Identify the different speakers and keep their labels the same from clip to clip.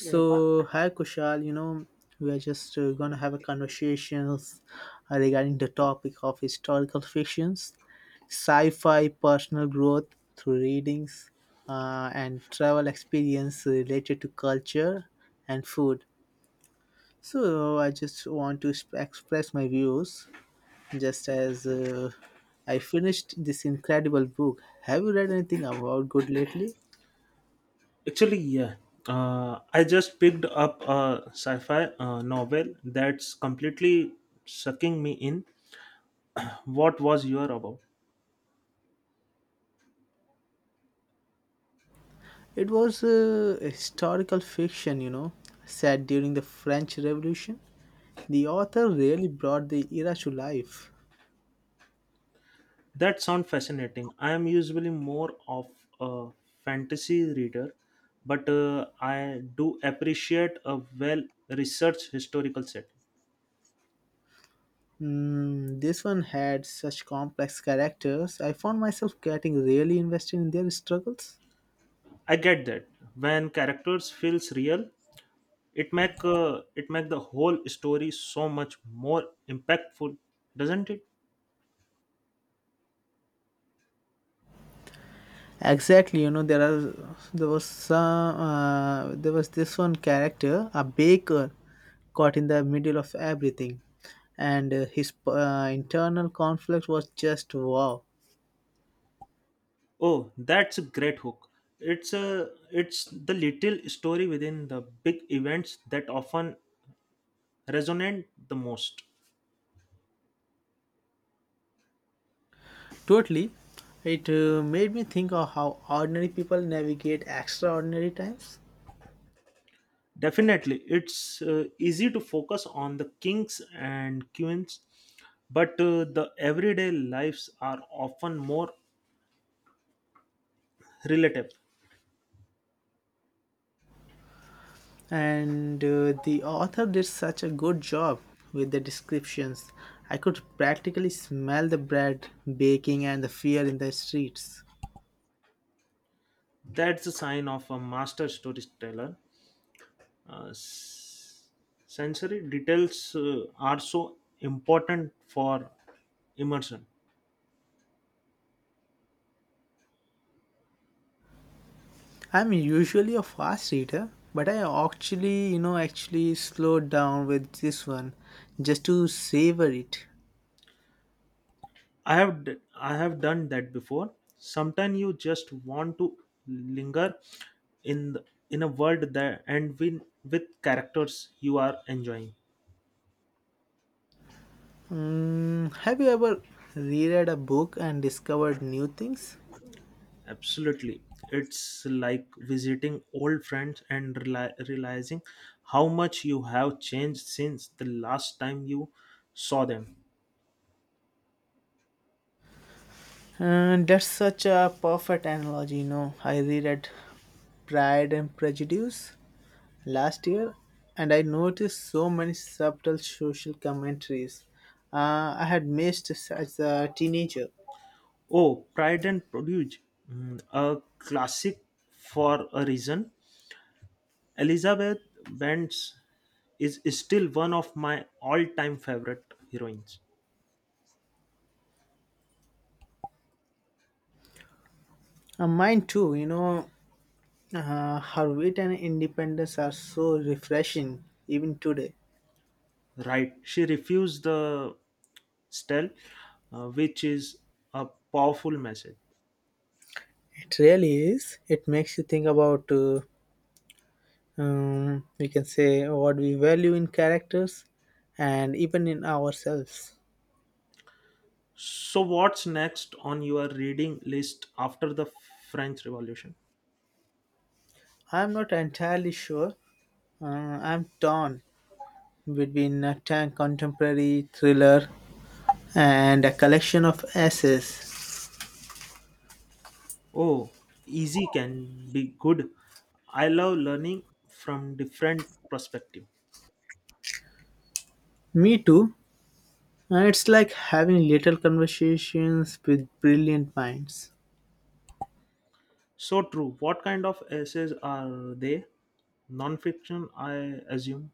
Speaker 1: Yeah. So, hi Kushal, you know, we are just going to have a conversations regarding the topic of historical fictions, sci-fi personal growth through readings, and travel experience related to culture and food. So, I just want to express my views just as I finished this incredible book. Have you read anything about good lately?
Speaker 2: Actually, yeah. I just picked up a sci-fi novel that's completely sucking me in. What was your about?
Speaker 1: It was a historical fiction, you know, set during the French Revolution. The author really brought the era to life.
Speaker 2: That sounds fascinating. I am usually more of a fantasy reader, but I do appreciate a well-researched historical set.
Speaker 1: Mm, this one had such complex characters. I found myself getting really invested in their struggles.
Speaker 2: I get that when characters feels real, it make the whole story so much more impactful, doesn't it?
Speaker 1: Exactly, you know, there are there was some there was this one character, a baker, caught in the middle of everything, and his internal conflict was just wow.
Speaker 2: Oh, that's a great hook. It's the little story within the big events that often resonate the most.
Speaker 1: Totally. It made me think of how ordinary people navigate extraordinary times.
Speaker 2: Definitely, it's easy to focus on the kings and queens, but the everyday lives are often more relatable.
Speaker 1: And the author did such a good job with the descriptions. I could practically smell the bread baking and the fear in the streets.
Speaker 2: That's a sign of a master storyteller. Uh, s- Sensory details are so important for immersion.
Speaker 1: I'm usually a fast reader, but I actually slowed down with this one just to savor it.
Speaker 2: I have done that before. Sometimes you just want to linger in the, in a world that and win with characters you are enjoying.
Speaker 1: Mm, have you ever reread a book and discovered new things?
Speaker 2: Absolutely, it's like visiting old friends and realizing how much you have changed since the last time you saw them.
Speaker 1: And that's such a perfect analogy, you know. I reread Pride and Prejudice last year and I noticed so many subtle social commentaries I had missed as a teenager.
Speaker 2: Oh, Pride and Prejudice, mm, a classic for a reason. Elizabeth Bent's is still one of my all-time favorite heroines.
Speaker 1: Mine too, you know, her wit and independence are so refreshing even today.
Speaker 2: Right, she refused the stell, which is a powerful message.
Speaker 1: It really is. It makes you think about, we can say, what we value in characters and even in ourselves.
Speaker 2: So what's next on your reading list after the French Revolution?
Speaker 1: I'm not entirely sure. Uh, I'm torn between a tank contemporary thriller and a collection of essays.
Speaker 2: Oh, easy can be good. I love learning from different perspective.
Speaker 1: Me too. It's like having little conversations with brilliant minds.
Speaker 2: So true, what kind of essays are they? Non-fiction, I assume.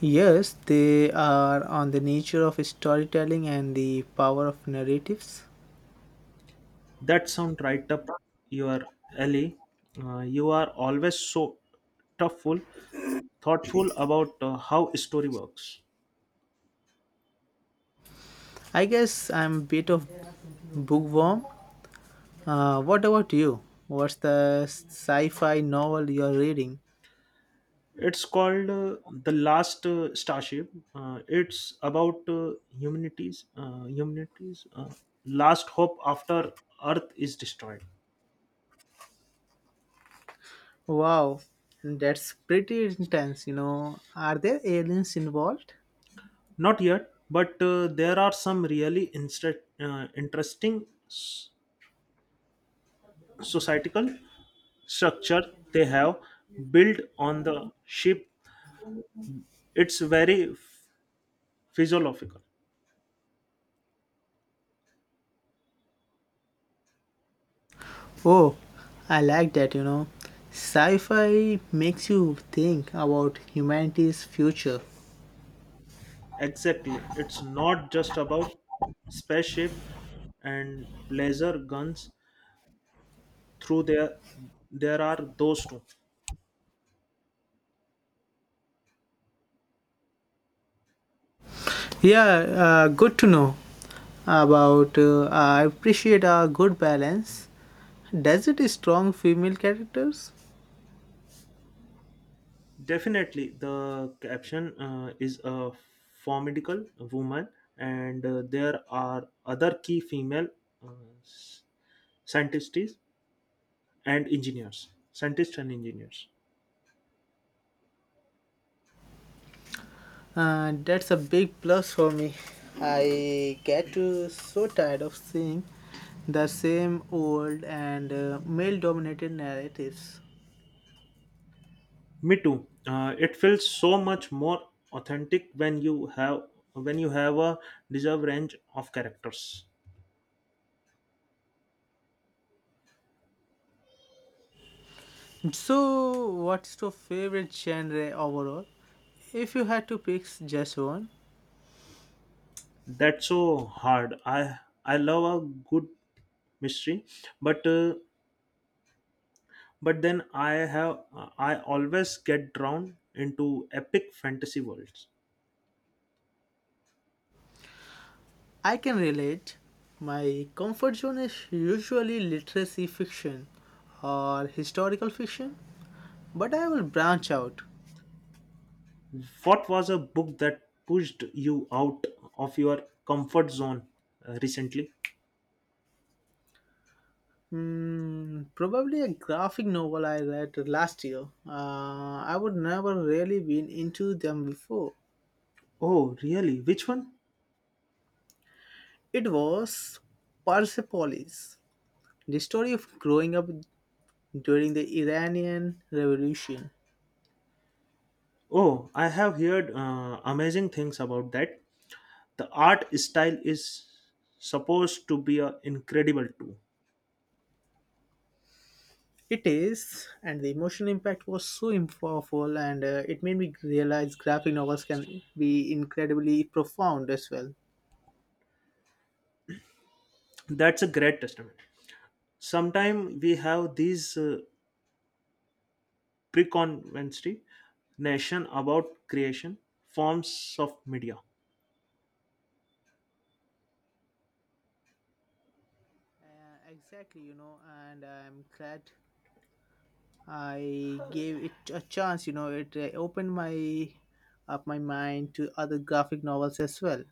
Speaker 1: Yes, they are on the nature of storytelling and the power of narratives.
Speaker 2: That sound right up your alley. You are always so toughful, thoughtful about how a story works.
Speaker 1: I guess I'm a bit of bookworm. What about you? What's the sci-fi novel you're reading?
Speaker 2: It's called The Last Starship. It's about humanity's last hope after Earth is destroyed.
Speaker 1: Wow, that's pretty intense, you know. Are there aliens involved?
Speaker 2: Not yet, but there are some really interesting societal structure they have built on the ship. It's very physiological.
Speaker 1: Oh, I like that, you know. Sci fi makes you think about humanity's future.
Speaker 2: Exactly. It's not just about spaceship and laser guns through there, there are those two.
Speaker 1: Yeah, good to know about. I appreciate a good balance. Does it strong female characters?
Speaker 2: Definitely, the caption is a formidable woman, and there are other key female uh, s- scientists and engineers, scientists and engineers.
Speaker 1: That's a big plus for me. I get so tired of seeing the same old and male dominated narratives.
Speaker 2: Me too. It feels so much more authentic when you have a deserved range of characters.
Speaker 1: So, what's your favorite genre overall? If you had to pick just one,
Speaker 2: That's so hard. I love a good mystery, but uh, but then I have I always get drawn into epic fantasy worlds.
Speaker 1: I can relate. My comfort zone is usually literacy fiction or historical fiction, but I will branch out.
Speaker 2: What was a book that pushed you out of your comfort zone recently?
Speaker 1: Hmm, probably a graphic novel I read last year. I would never really been into them before.
Speaker 2: Oh, really? Which one?
Speaker 1: It was Persepolis, the story of growing up during the Iranian Revolution.
Speaker 2: Oh, I have heard amazing things about that. The art style is supposed to be a incredible too.
Speaker 1: It is, and the emotional impact was so powerful, and it made me realize graphic novels can be incredibly profound as well.
Speaker 2: That's a great testament. Sometimes we have these preconceived nation about creation forms of media.
Speaker 1: Exactly, you know, and I'm glad I gave it a chance. You know, it opened my up my mind to other graphic novels as well.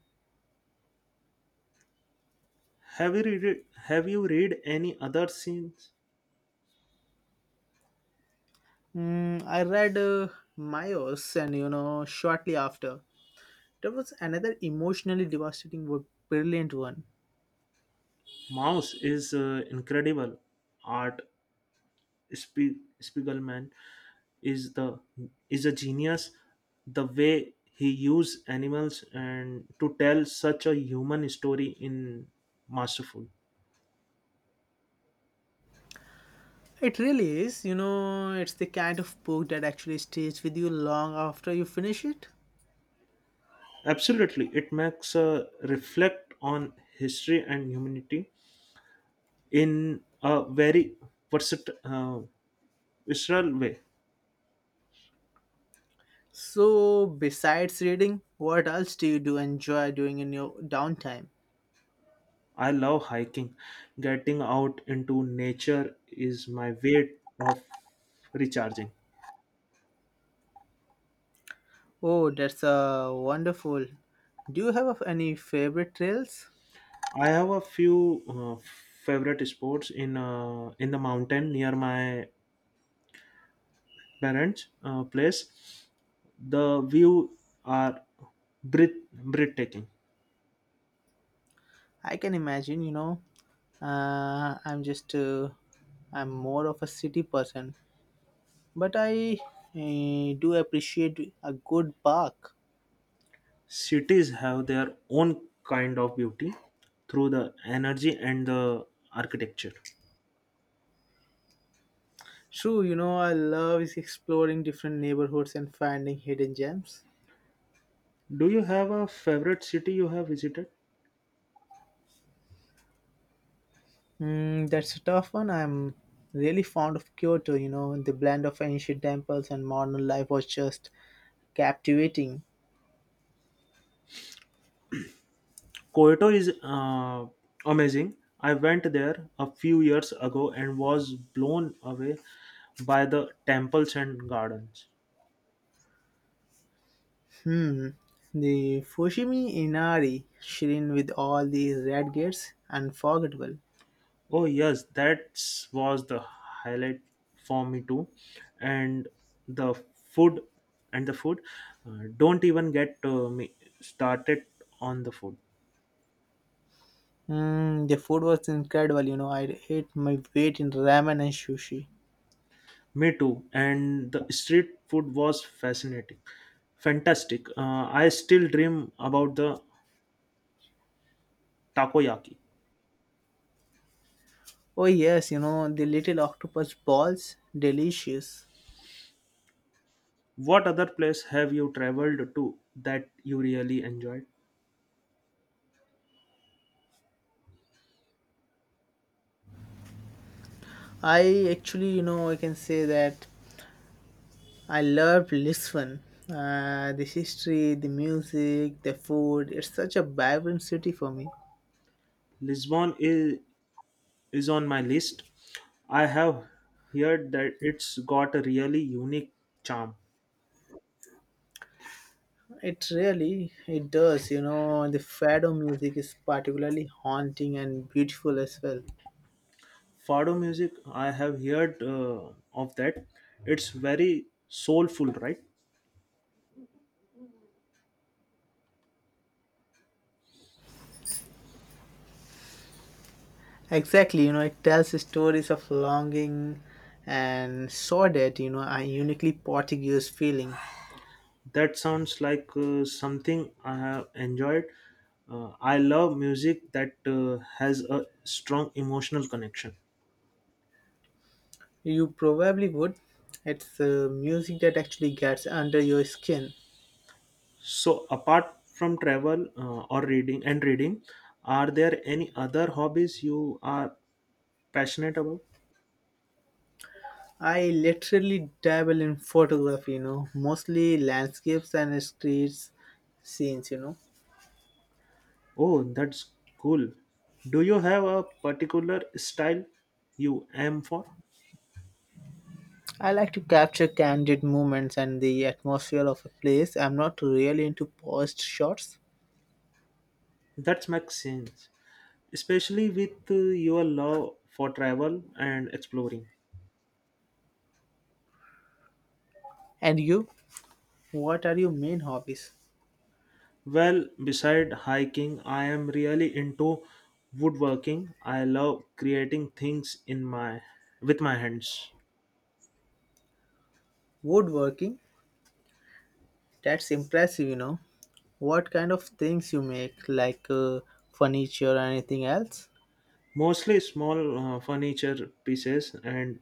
Speaker 2: have you read have you read any other scenes?
Speaker 1: Mm, I read Mayos, and you know, shortly after there was another emotionally devastating, brilliant one.
Speaker 2: Mouse is incredible art. Sp- Spiegelman is the is a genius, the way he used animals and to tell such a human story in masterful.
Speaker 1: It really is. You know, it's the kind of book that actually stays with you long after you finish it.
Speaker 2: Absolutely, it makes a reflect on history and humanity in a very versatile visceral way.
Speaker 1: So, besides reading, what else do you do enjoy doing in your downtime?
Speaker 2: I love hiking, getting out into nature is my way of recharging.
Speaker 1: Oh, that's wonderful. Do you have any favorite trails?
Speaker 2: I have a few uh, favorite sports in the mountain near my parents' place, the view are breathtaking.
Speaker 1: I can imagine, you know, uh, I'm just, uh, I'm more of a city person, but I do appreciate a good park.
Speaker 2: Cities have their own kind of beauty through the energy and the architecture.
Speaker 1: True, you know, I love is exploring different neighborhoods and finding hidden gems.
Speaker 2: Do you have a favorite city you have visited?
Speaker 1: Mm, that's a tough one. I'm really fond of Kyoto, you know, the blend of ancient temples and modern life was just captivating.
Speaker 2: Kyoto is amazing. I went there a few years ago and was blown away by the temples and gardens.
Speaker 1: Hmm, the Fushimi Inari shrine with all these red gates, unforgettable.
Speaker 2: Oh yes, that was the highlight for me too. And the food, and the food, don't even get me started on the food.
Speaker 1: Hmm, the food was incredible, you know. I ate my weight in ramen and sushi.
Speaker 2: Me too. And the street food was fantastic. I still dream about the takoyaki.
Speaker 1: Oh yes, you know, the little octopus balls, delicious.
Speaker 2: What other place have you traveled to that you really enjoyed?
Speaker 1: I actually, you know, I can say that I loved Lisbon. The history, the music, the food, it's such a vibrant city for me.
Speaker 2: Lisbon is on my list. I have heard that it's got a really unique charm.
Speaker 1: It really it does, you know. The fado music is particularly haunting and beautiful as well.
Speaker 2: Fado music, I have heard of that. It's very soulful, right?
Speaker 1: Exactly, you know, it tells stories of longing and sordid, you know, a uniquely Portuguese feeling.
Speaker 2: That sounds like something I have enjoyed. I love music that has a strong emotional connection.
Speaker 1: You probably would. It's music that actually gets under your skin.
Speaker 2: So, apart from travel or reading, are there any other hobbies you are passionate about?
Speaker 1: I literally dabble in photography, you know, mostly landscapes and streets scenes, you know.
Speaker 2: Oh, that's cool. Do you have a particular style you aim for?
Speaker 1: I like to capture candid moments and the atmosphere of a place. I'm not really into posed shots.
Speaker 2: That makes sense, especially with your love for travel and exploring.
Speaker 1: And you? What are your main hobbies?
Speaker 2: Well, beside hiking, I am really into woodworking. I love creating things in my with my hands,
Speaker 1: Woodworking? That's impressive, you know. What kind of things you make, like furniture or anything else?
Speaker 2: mostly small furniture pieces and